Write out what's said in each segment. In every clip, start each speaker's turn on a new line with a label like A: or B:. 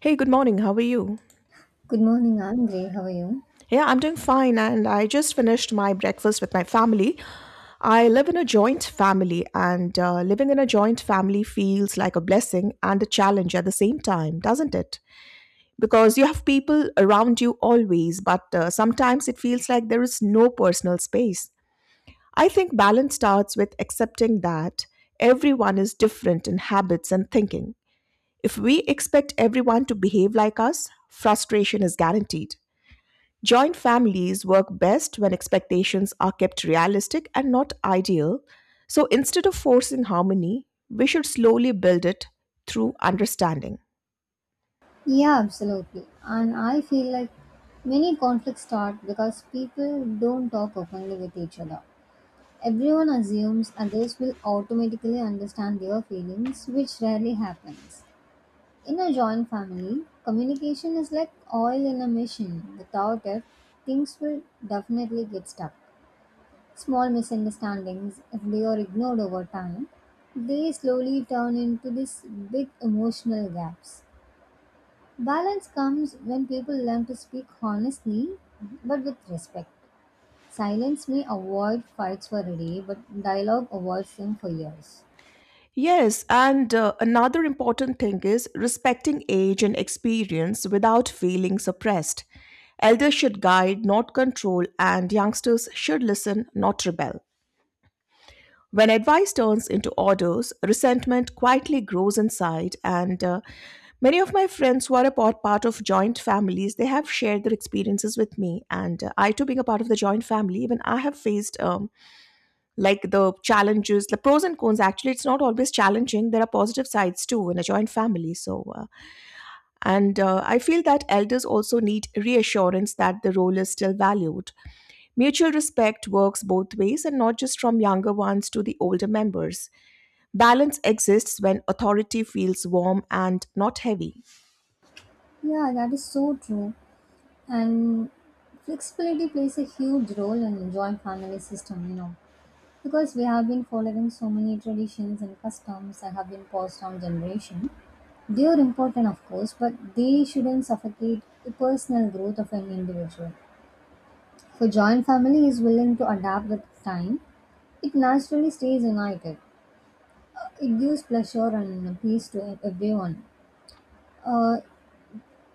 A: Hey, good morning. How are you?
B: Good morning, I'm great. How are you?
A: Yeah, I'm doing fine, and I just finished my breakfast with my family. I live in a joint family, and living in a joint family feels like a blessing and a challenge at the same time, doesn't it? Because you have people around you always, but sometimes it feels like there is no personal space. I think balance starts with accepting that everyone is different in habits and thinking. If we expect everyone to behave like us, frustration is guaranteed. Joint families work best when expectations are kept realistic and not ideal. So instead of forcing harmony, we should slowly build it through understanding.
B: Yeah, absolutely. And I feel like many conflicts start because people don't talk openly with each other. Everyone assumes others will automatically understand their feelings, which rarely happens. In a joint family, communication is like oil in a machine. Without it, things will definitely get stuck. Small misunderstandings, if they are ignored over time, they slowly turn into these big emotional gaps. Balance comes when people learn to speak honestly but with respect. Silence may avoid fights for a day, but dialogue avoids them for years.
A: Yes, and another important thing is respecting age and experience without feeling suppressed. Elders should guide, not control, and youngsters should listen, not rebel. When advice turns into orders, resentment quietly grows inside. And many of my friends who are part of joint families, they have shared their experiences with me. And I, too, being a part of the joint family, even I have faced like the challenges, the pros and cons. Actually, it's not always challenging. There are positive sides too in a joint family. So, and I feel that elders also need reassurance that the role is still valued. Mutual respect works both ways and not just from younger ones to the older members. Balance exists when authority feels warm and not heavy.
B: Yeah, that is so true. And flexibility plays a huge role in joint family system, you know, because we have been following so many traditions and customs that have been passed down generation. They are important, of course, but they shouldn't suffocate the personal growth of an individual. If a joint family is willing to adapt with time, it naturally stays united. It gives pleasure and peace to everyone. Uh,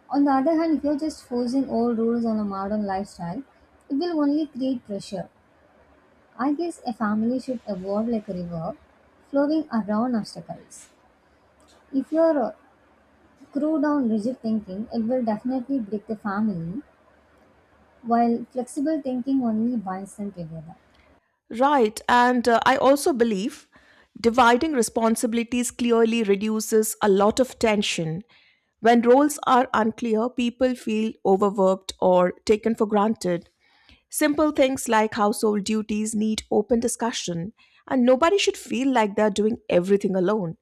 B: on the other hand, if you're just forcing old rules on a modern lifestyle, it will only create pressure. I guess a family should evolve like a river, flowing around obstacles. If you're screwed down rigid thinking, it will definitely break the family, while flexible thinking only binds them together.
A: Right, and I also believe dividing responsibilities clearly reduces a lot of tension. When roles are unclear, people feel overworked or taken for granted. Simple things like household duties need open discussion, and nobody should feel like they're doing everything alone.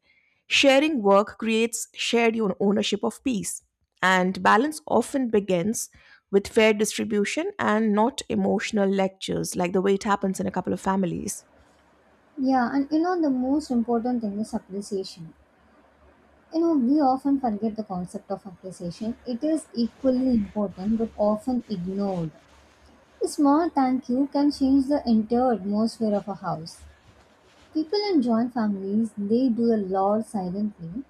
A: Sharing work creates shared ownership of peace, and balance often begins with fair distribution and not emotional lectures like the way it happens in a couple of families.
B: Yeah, and you know the most important thing is appreciation. You know, we often forget the concept of appreciation. It is equally important but often ignored. A small thank you can change the entire atmosphere of a house. People in joint families, they do a lot silently,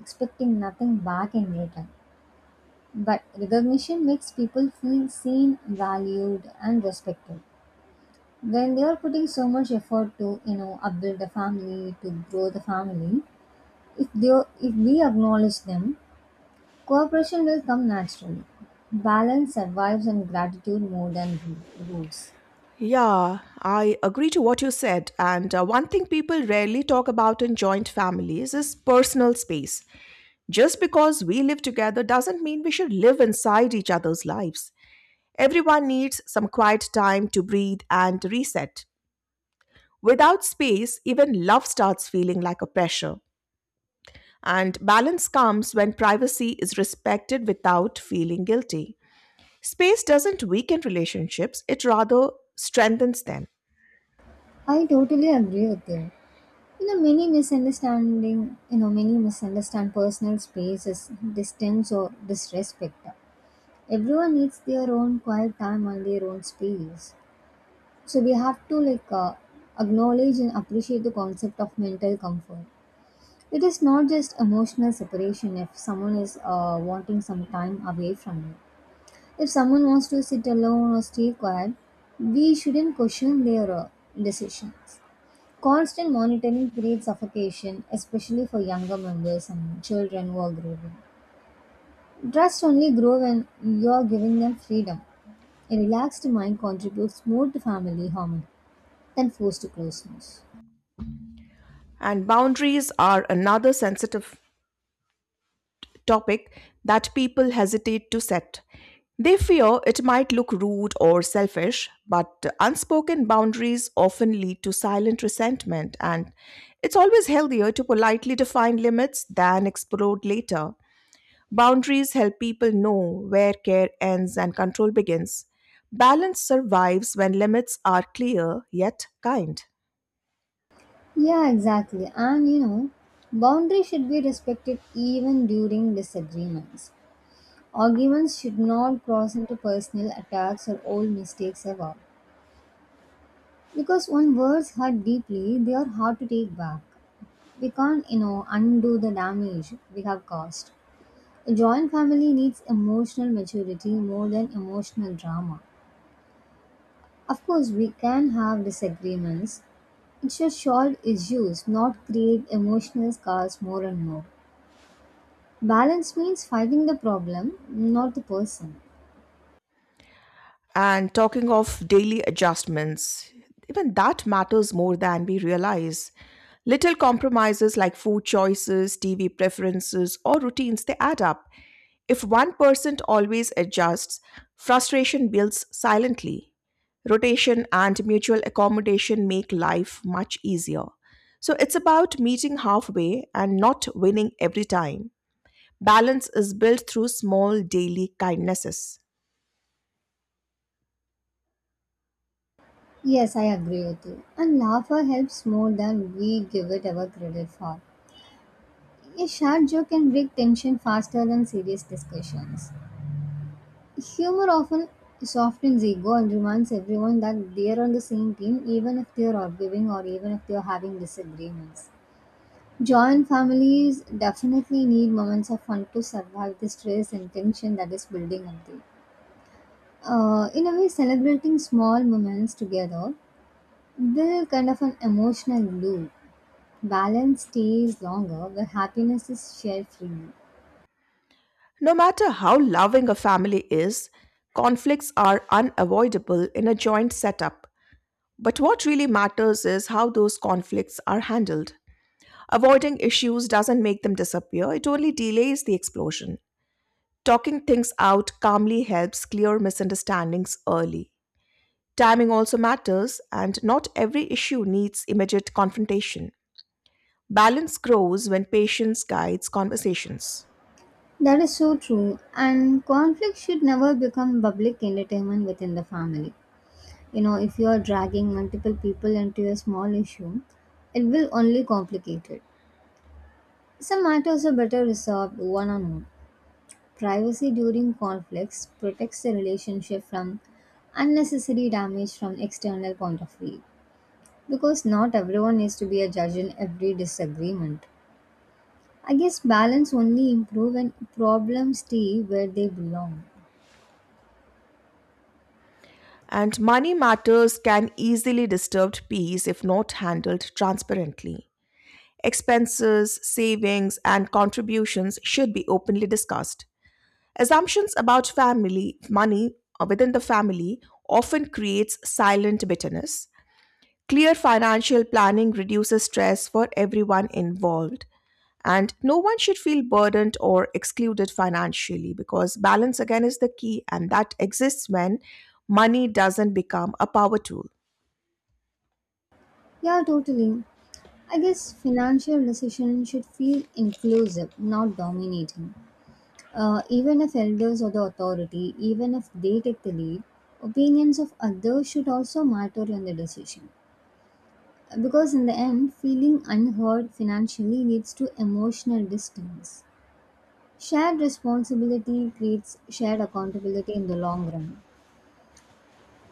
B: expecting nothing back in return. But recognition makes people feel seen, valued, and respected. When they are putting so much effort to, you know, upbuild the family, to grow the family, if they if we acknowledge them, cooperation will come naturally. Balance survives and gratitude more than rules.
A: Yeah, I agree to what you said. And one thing people rarely talk about in joint families is personal space. Just because we live together doesn't mean we should live inside each other's lives. Everyone needs some quiet time to breathe and reset. Without space, even love starts feeling like a pressure. And balance comes when privacy is respected without feeling guilty. Space doesn't weaken relationships, it rather strengthens them.
B: I totally agree with you. You know, many misunderstanding, you know, many misunderstand personal space as distance or disrespect. Everyone needs their own quiet time and their own space. So we have to like acknowledge and appreciate the concept of mental comfort. It is not just emotional separation if someone is wanting some time away from you. If someone wants to sit alone or stay quiet, we shouldn't question their decisions. Constant monitoring creates suffocation, especially for younger members and children who are growing. Trust only grows when you are giving them freedom. A relaxed mind contributes more to family harmony than forced closeness.
A: And boundaries are another sensitive topic that people hesitate to set. They fear it might look rude or selfish, but unspoken boundaries often lead to silent resentment, and it's always healthier to politely define limits than explode later. Boundaries help people know where care ends and control begins. Balance survives when limits are clear yet kind.
B: Yeah, exactly. And you know, boundaries should be respected even during disagreements. Arguments should not cross into personal attacks or old mistakes ever. Because when words hurt deeply, they are hard to take back. We can't, you know, undo the damage we have caused. A joint family needs emotional maturity more than emotional drama. Of course, we can have disagreements. It should solve issues, not create emotional scars more and more. Balance means fighting the problem, not the person.
A: And talking of daily adjustments, even that matters more than we realize. Little compromises like food choices, TV preferences, or routines, they add up. If one person always adjusts, frustration builds silently. Rotation and mutual accommodation make life much easier. So it's about meeting halfway and not winning every time. Balance is built through small daily kindnesses.
B: Yes, I agree with you. And laughter helps more than we give it our credit for. A short joke can break tension faster than serious discussions. Humor often softens ego and reminds everyone that they are on the same team even if they are arguing or even if they are having disagreements. Joint families definitely need moments of fun to survive the stress and tension that is building up there. In a way, celebrating small moments together build kind of an emotional loop. Balance stays longer where happiness is shared freely.
A: No matter how loving a family is, conflicts are unavoidable in a joint setup. But what really matters is how those conflicts are handled. Avoiding issues doesn't make them disappear, it only delays the explosion. Talking things out calmly helps clear misunderstandings early. Timing also matters, and not every issue needs immediate confrontation. Balance grows when patience guides conversations.
B: That is so true, and conflict should never become public entertainment within the family. You know, if you are dragging multiple people into a small issue, it will only complicate it. Some matters are better resolved one on one. Privacy during conflicts protects the relationship from unnecessary damage from external point of view because not everyone needs to be a judge in every disagreement. I guess balance only improve when problems stay where they belong.
A: And money matters can easily disturb peace if not handled transparently. Expenses, savings, and contributions should be openly discussed. Assumptions about family money within the family often creates silent bitterness. Clear financial planning reduces stress for everyone involved. And no one should feel burdened or excluded financially because balance again is the key, and that exists when money doesn't become a power tool.
B: Yeah, totally. I guess financial decisions should feel inclusive, not dominating. Even if elders are the authority, even if they take the lead, opinions of others should also matter in the decision. Because in the end, feeling unheard financially leads to emotional distance. Shared responsibility creates shared accountability in the long run.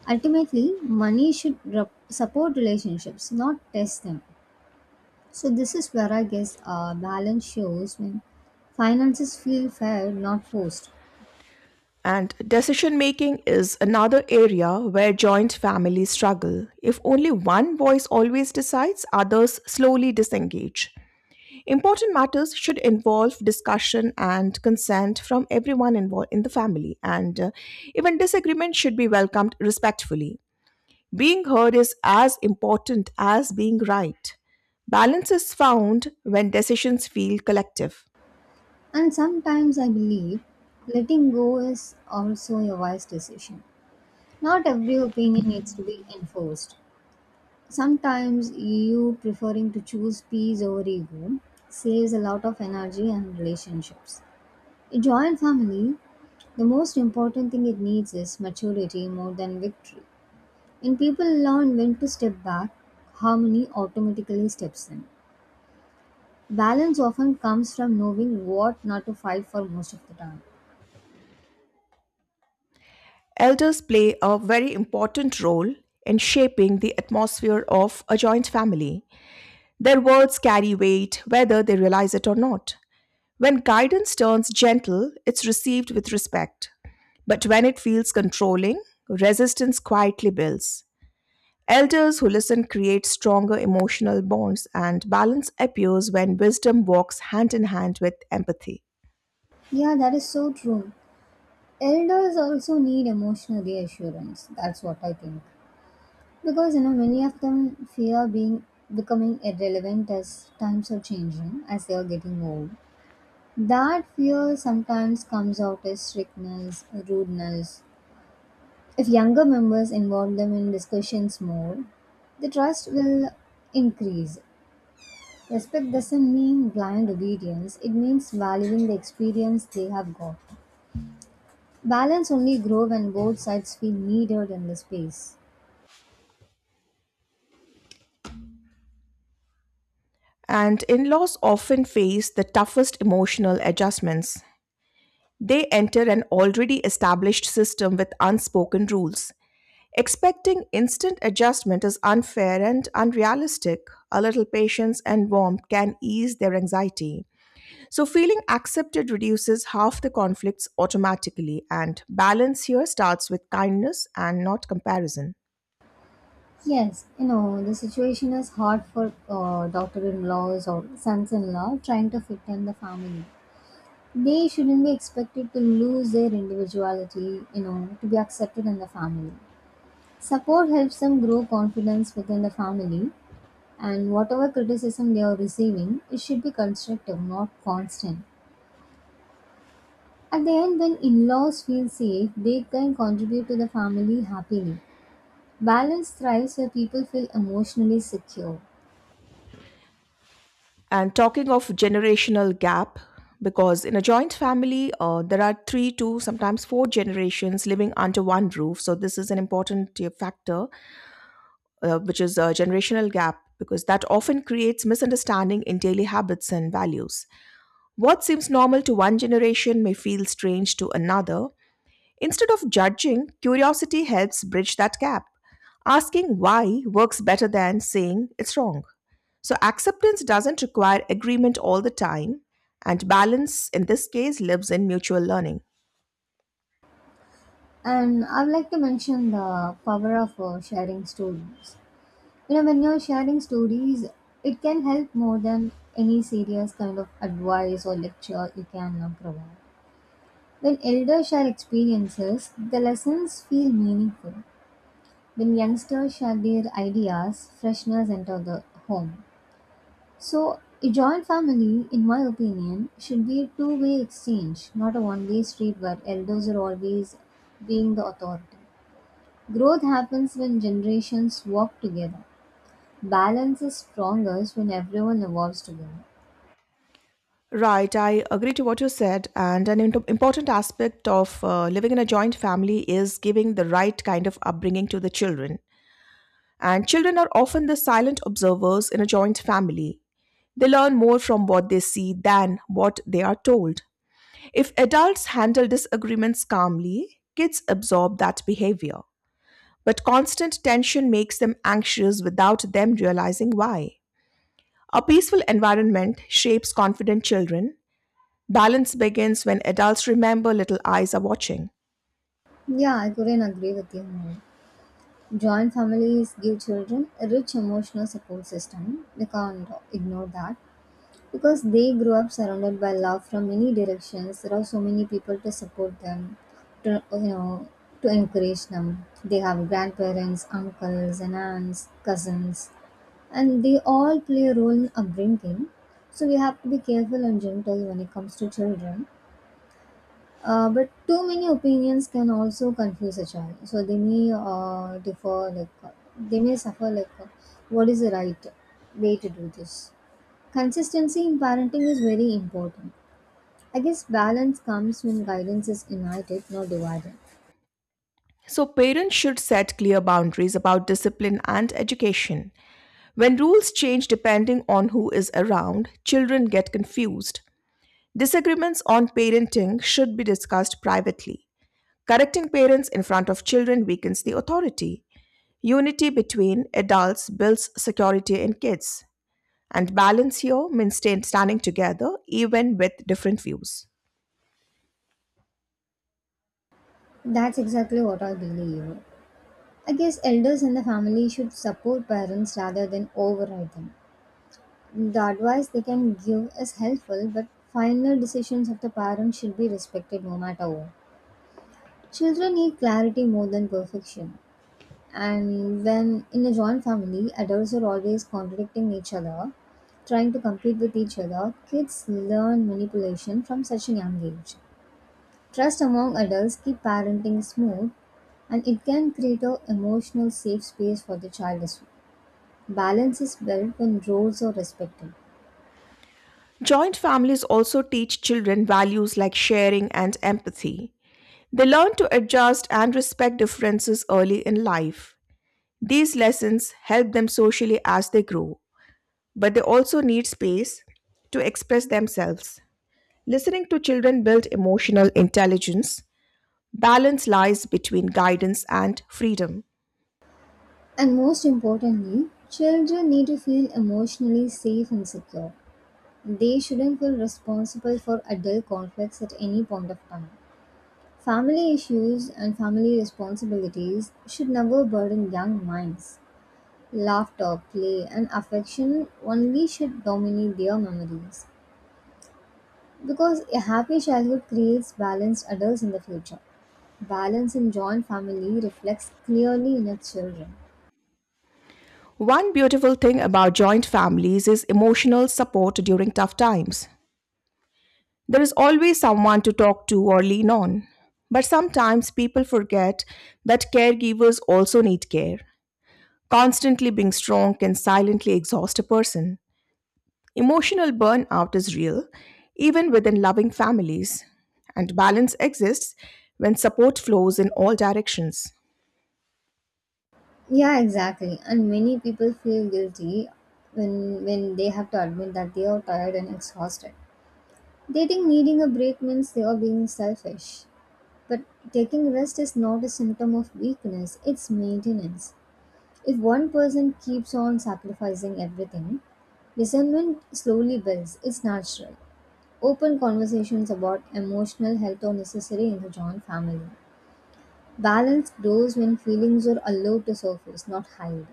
B: Ultimately, money should support relationships, not test them. So, this is where I guess balance shows when finances feel fair, not forced.
A: And decision making is another area where joint families struggle. If only one voice always decides, others slowly disengage. Important matters should involve discussion and consent from everyone involved in the family, and even disagreement should be welcomed respectfully. Being heard is as important as being right. Balance is found when decisions feel collective.
B: And sometimes I believe letting go is also a wise decision. Not every opinion needs to be enforced. Sometimes you preferring to choose peace over ego saves a lot of energy and relationships. A joint family, the most important thing it needs is maturity more than victory. When people learn when to step back, harmony automatically steps in. Balance often comes from knowing what not to fight for most of the time.
A: Elders play a very important role in shaping the atmosphere of a joint family. Their words carry weight whether they realize it or not. When guidance turns gentle, it's received with respect. But when it feels controlling, resistance quietly builds. Elders who listen create stronger emotional bonds, and balance appears when wisdom walks hand in hand with empathy.
B: Yeah, that is so true. Elders also need emotional reassurance. That's what I think. Because you know many of them fear being becoming irrelevant as times are changing as they are getting old. That fear sometimes comes out as strictness rudeness. If younger members involve them in discussions more, the trust will increase. Respect doesn't mean blind obedience, it means valuing the experience they have got. Balance only grows when both sides feel needed in the space.
A: And in laws often face the toughest emotional adjustments. They enter an already established system with unspoken rules. Expecting instant adjustment is unfair and unrealistic. A little patience and warmth can ease their anxiety. So, feeling accepted reduces half the conflicts automatically, and balance here starts with kindness and not comparison.
B: Yes, you know, the situation is hard for daughter in laws or sons in law trying to fit in the family. They shouldn't be expected to lose their individuality, you know, to be accepted in the family. Support helps them grow confidence within the family, and whatever criticism they are receiving, it should be constructive, not constant. At the end, when in laws feel safe, they can contribute to the family happily. Balance thrives where people feel emotionally secure.
A: And talking of generational gap, because in a joint family, there are three two, sometimes four generations living under one roof. So, this is an important factor which is a generational gap, because that often creates misunderstanding in daily habits and values. What seems normal to one generation may feel strange to another. Instead of judging, curiosity helps bridge that gap. Asking why works better than saying it's wrong. So, acceptance doesn't require agreement all the time, and balance in this case lives in mutual learning.
B: And I'd like to mention the power of sharing stories. You know, when you're sharing stories, it can help more than any serious kind of advice or lecture you can provide. When elders share experiences, the lessons feel meaningful. When youngsters share their ideas, freshness enter the home. So a joint family in my opinion should be a two-way exchange, not a one-way street where elders are always being the authority. Growth happens when generations work together. Balance is strongest when everyone evolves together.
A: Right, I agree to what you said. And an important aspect of living in a joint family is giving the right kind of upbringing to the children. And children are often the silent observers in a joint family. They learn more from what they see than what they are told. If adults handle disagreements calmly, kids absorb that behavior. But constant tension makes them anxious without them realizing why. A peaceful environment shapes confident children. Balance begins when adults remember little eyes are watching.
B: Yeah, I couldn't agree with you more. Joint families give children a rich emotional support system. We can't ignore that because they grow up surrounded by love from many directions. There are so many people to support them, to you know, to encourage them. They have grandparents, uncles, and aunts, cousins, and they all play a role in upbringing. So we have to be careful and gentle when it comes to children. But too many opinions can also confuse a child. So they may differ, like they may suffer, like what is the right way to do this? Consistency in parenting is very important. I guess balance comes when guidance is united, not divided.
A: So, parents should set clear boundaries about discipline and education. When rules change depending on who is around, children get confused. Disagreements on parenting should be discussed privately. Correcting parents in front of children weakens the authority. Unity between adults builds security in kids. And balance here means staying standing together even with different views.
B: That's exactly what I believe. I guess elders in the family should support parents rather than override them. The advice they can give is helpful, but final decisions of the parents should be respected no matter what. Children need clarity more than perfection. And when in a joint family, adults are always contradicting each other, trying to compete with each other, kids learn manipulation from such a young age. Trust among adults keep parenting smooth and it can create a emotional safe space for the child as well. Balance is built when roles are respected.
A: Joint families also teach children values like sharing and empathy. They learn to adjust and respect differences early in life. These lessons help them socially as they grow, but they also need space to express themselves. Listening to children builds emotional intelligence. Balance lies between guidance and freedom.
B: And most importantly, children need to feel emotionally safe and secure. They shouldn't feel responsible for adult conflicts at any point of time. Family issues and family responsibilities should never burden young minds. Laughter, play, and affection only should dominate their memories. Because a happy childhood creates balanced adults in the future. Balance in joint family reflects clearly in its children.
A: One beautiful thing about joint families is emotional support during tough times. There is always someone to talk to or lean on. But sometimes people forget that caregivers also need care. Constantly being strong can silently exhaust a person. Emotional burnout is real, even within loving families, and balance exists when support flows in all directions.
B: Yeah, exactly. And many people feel guilty when they have to admit that they are tired and exhausted. They think needing a break means they are being selfish. But taking rest is not a symptom of weakness, it's maintenance. If one person keeps on sacrificing everything, resentment slowly builds. It's natural. Open conversations about emotional health are necessary in the joint family. Balance grows when feelings are allowed to surface, not hide.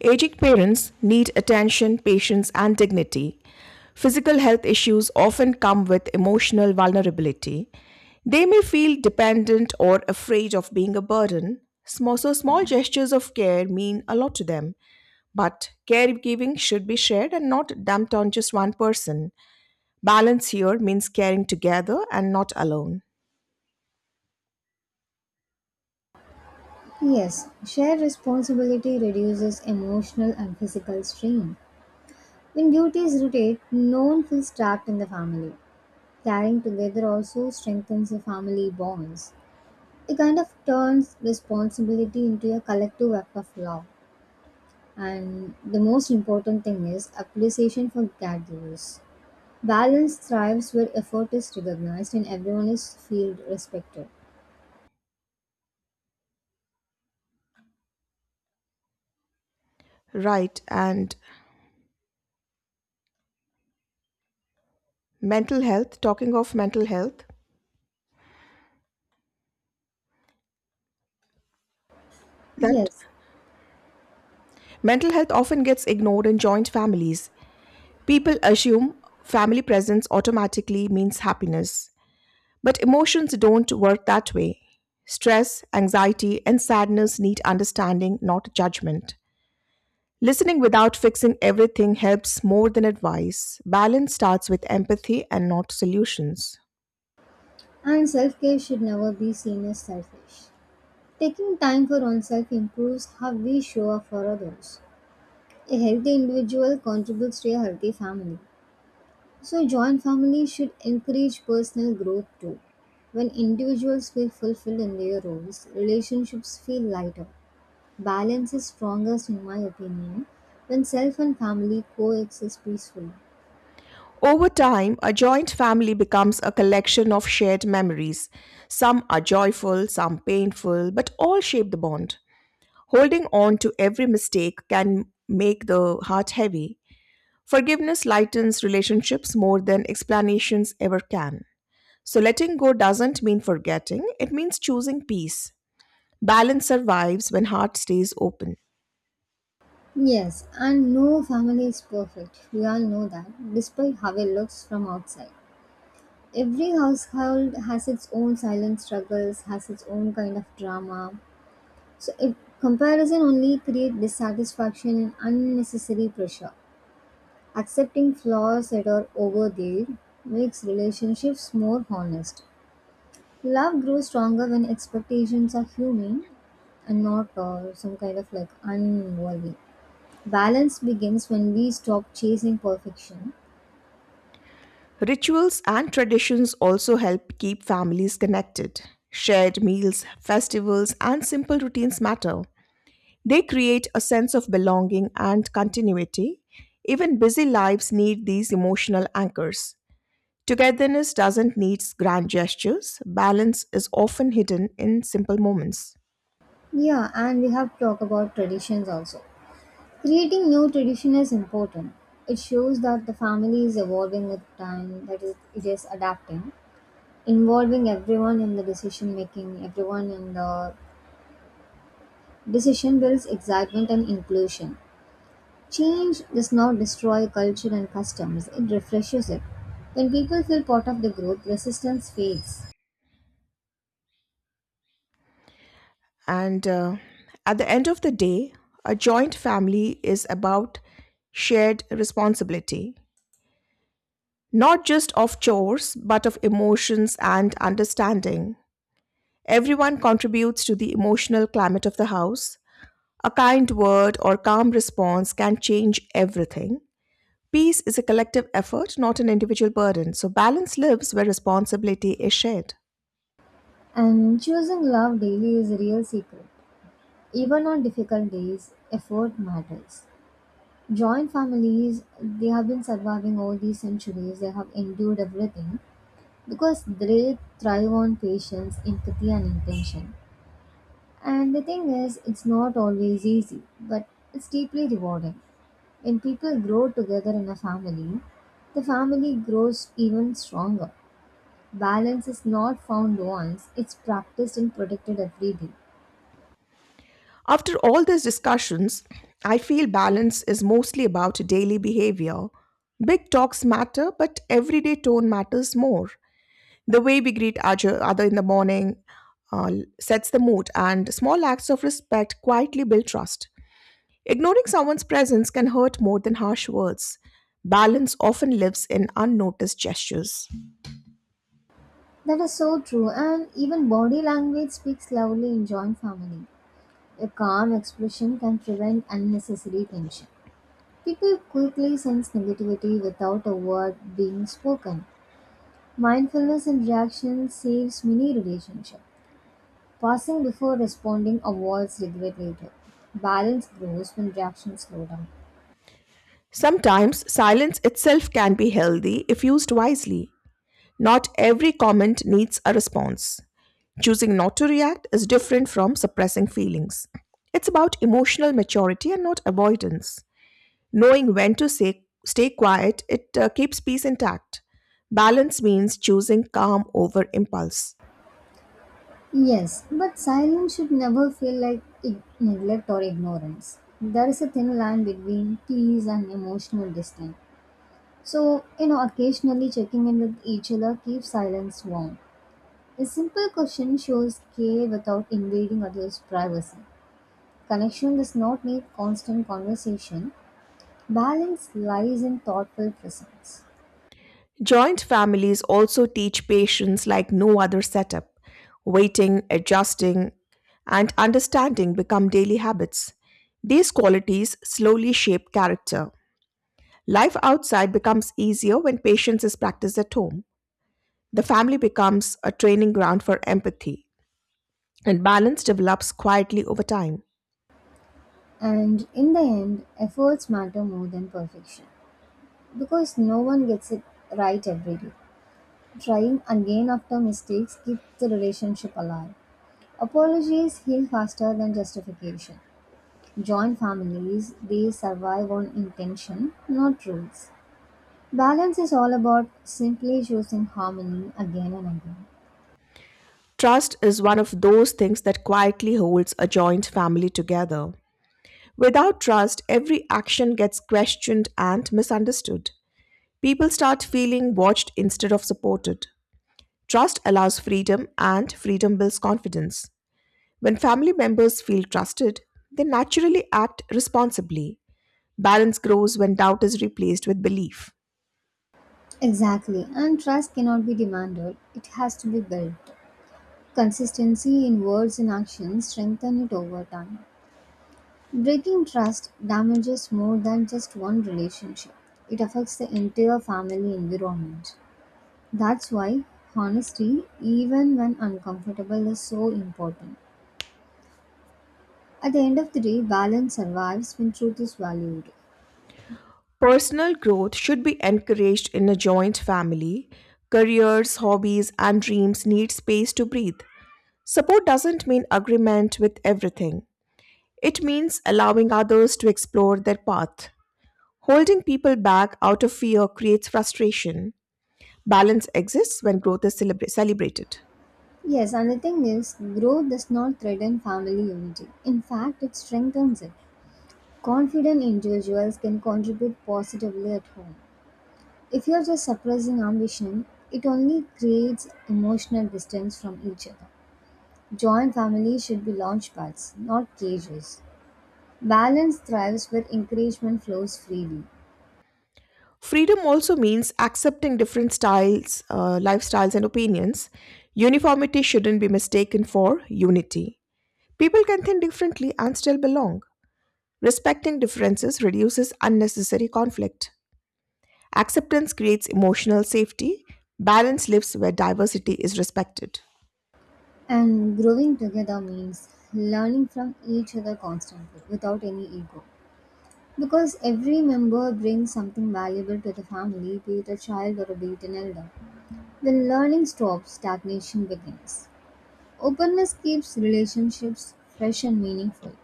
A: Aging parents need attention, patience, and dignity. Physical health issues often come with emotional vulnerability. They may feel dependent or afraid of being a burden. So, small gestures of care mean a lot to them. But caregiving should be shared and not dumped on just one person. Balance here means caring together and not alone.
B: Yes, shared responsibility reduces emotional and physical strain. When duties rotate, no one feels trapped in the family. Caring together also strengthens the family bonds. It kind of turns responsibility into a collective act of love. And the most important thing is appreciation for caregivers. Balance thrives where effort is recognized and everyone is feel respected.
A: Right. And mental health, that
B: Yes,
A: mental health often gets ignored in joint families. People assume family presence automatically means happiness, but emotions don't work that way. Stress, anxiety, and sadness need understanding, not judgment. Listening without fixing everything helps more than advice. Balance starts with empathy and not solutions.
B: and self care should never be seen as selfish. Taking time for oneself improves how we show up for others. A healthy individual contributes to a healthy family. So, joint families should encourage personal growth too. When individuals feel fulfilled in their roles, relationships feel lighter. Balance is strongest, in my opinion, when self and family coexist peacefully.
A: Over time, a joint family becomes a collection of shared memories. Some are joyful, some painful, but all shape the bond. Holding on to every mistake can make the heart heavy. Forgiveness lightens relationships more than explanations ever can. So, letting go doesn't mean forgetting, it means choosing peace. Balance survives when heart stays open.
B: Yes, and no family is perfect. We all know that, despite how it looks from outside. Every household has its own silent struggles, has its own kind of drama. Comparison only creates dissatisfaction and unnecessary pressure. Accepting flaws that are overlaid makes relationships more honest. Love grows stronger when expectations are human and not some kind of like unworthy. Balance begins when we stop chasing perfection.
A: Rituals and traditions also help keep families connected. Shared meals, festivals, and simple routines matter. They create a sense of belonging and continuity. Even busy lives need these emotional anchors. Togetherness doesn't need grand gestures. Balance is often hidden in simple moments.
B: Yeah, and we have talked about traditions also. Creating new tradition is important. It shows that the family is evolving with time, that is, it is adapting. Involving everyone in the decision making, Everyone in the decision builds excitement and inclusion. Change does not destroy culture and customs, it refreshes it. When people feel part of the group, resistance fades.
A: And at the end of the day, a joint family is about shared responsibility, not just of chores, but of emotions and understanding. Everyone contributes to the emotional climate of the house. A kind word or calm response can change everything. Peace is a collective effort, not an individual burden, so balance lives where responsibility is shared.
B: And choosing love daily is a real secret. Even on difficult days, effort matters. Joint families, they have been surviving all these centuries, they have endured everything because they thrive on patience, empathy, and intention. And the thing is, it's not always easy, but it's deeply rewarding. When people grow together in a family, the family grows even stronger. Balance is not found once, it's practiced and protected every day.
A: After all these discussions, I feel balance is mostly about daily behavior. Big talks matter, but everyday tone matters more. The way we greet other in the morning uh, sets the mood, and small acts of respect quietly build trust. Ignoring someone's presence can hurt more than harsh words. Balance often lives in unnoticed gestures.
B: That is so true, and even body language speaks loudly in joint family. A calm expression can prevent unnecessary tension. People quickly sense negativity without a word being spoken. Mindfulness in reaction saves many relationships. Pausing before responding avoids regret later. Balance grows when reactions slow down.
A: Sometimes silence itself can be healthy if used wisely. Not every comment needs a response. Choosing not to react is different from suppressing feelings. It's about emotional maturity and not avoidance. Knowing when to say, stay quiet, it keeps peace intact. Balance means choosing calm over impulse.
B: Yes, but silence should never feel like neglect or ignorance. There is a thin line between tease and emotional distance. So, occasionally checking in with each other keeps silence warm. A simple question shows care without invading others' privacy. Connection does not need constant conversation. Balance lies in thoughtful presence.
A: Joint families also teach patience like no other setup. Waiting, adjusting, and understanding become daily habits. These qualities slowly shape character. Life outside becomes easier when patience is practiced at home. The family becomes a training ground for empathy, and balance develops quietly over time.
B: And in the end, efforts matter more than perfection because no one gets it right every day. Trying again after mistakes keeps the relationship alive. Apologies heal faster than justification. Joint families, they survive on intention, not rules. Balance is all about simply choosing harmony again and again.
A: Trust is one of those things that quietly holds a joint family together. Without trust, every action gets questioned and misunderstood. People start feeling watched instead of supported. Trust allows freedom, and freedom builds confidence. When family members feel trusted, they naturally act responsibly. Balance grows when doubt is replaced with belief.
B: Exactly, and trust cannot be demanded, it has to be built. Consistency in words and actions strengthen it over time. Breaking trust damages more than just one relationship. It affects the entire family environment. That's why honesty, even when uncomfortable, is so important. At the end of the day, balance survives when truth is valued.
A: Personal growth should be encouraged in a joint family. Careers, hobbies, and dreams need space to breathe. Support doesn't mean agreement with everything, it means allowing others to explore their path. Holding people back out of fear creates frustration. Balance exists when growth is celebrated.
B: Yes, and the thing is, growth does not threaten family unity. In fact, it strengthens it. Confident individuals can contribute positively at home. If you're just suppressing ambition, it only creates emotional distance from each other. Joint families should be launchpads, not cages. Balance thrives where encouragement flows freely.
A: Freedom also means accepting different styles, lifestyles, and opinions. Uniformity shouldn't be mistaken for unity. People can think differently and still belong. Respecting differences reduces unnecessary conflict. Acceptance creates emotional safety. Balance lives where diversity is respected.
B: And growing together means learning from each other constantly without any ego. Because every member brings something valuable to the family, be it a child or be it an elder. When learning stops, stagnation begins. Openness keeps relationships fresh and meaningful.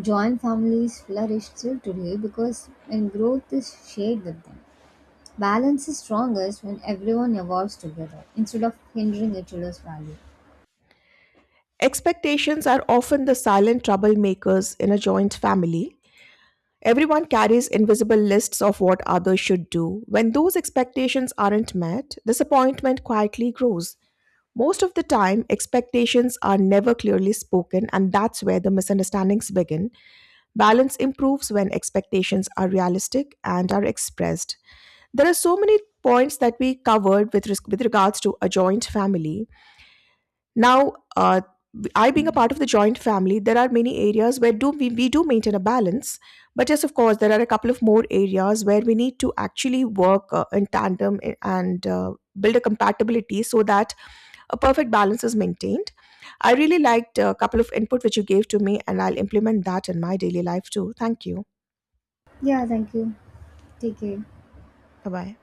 B: Joint families flourish still today because when growth is shared with them. Balance is strongest when everyone evolves together instead of hindering each other's value.
A: Expectations are often the silent troublemakers in a joint family. Everyone carries invisible lists of what others should do. When those expectations aren't met, disappointment quietly grows. Most of the time, expectations are never clearly spoken, and that's where the misunderstandings begin. Balance improves when expectations are realistic and are expressed. There are so many points that we covered with, with regards to a joint family. Now, I being a part of the joint family, there are many areas where we do maintain a balance. But yes, of course, there are a couple of more areas where we need to actually work in tandem and build a compatibility so that a perfect balance is maintained. I really liked a couple of input which you gave to me, and I'll implement that in my daily life too. Thank you.
B: Yeah, thank you. Take care.
A: Bye bye.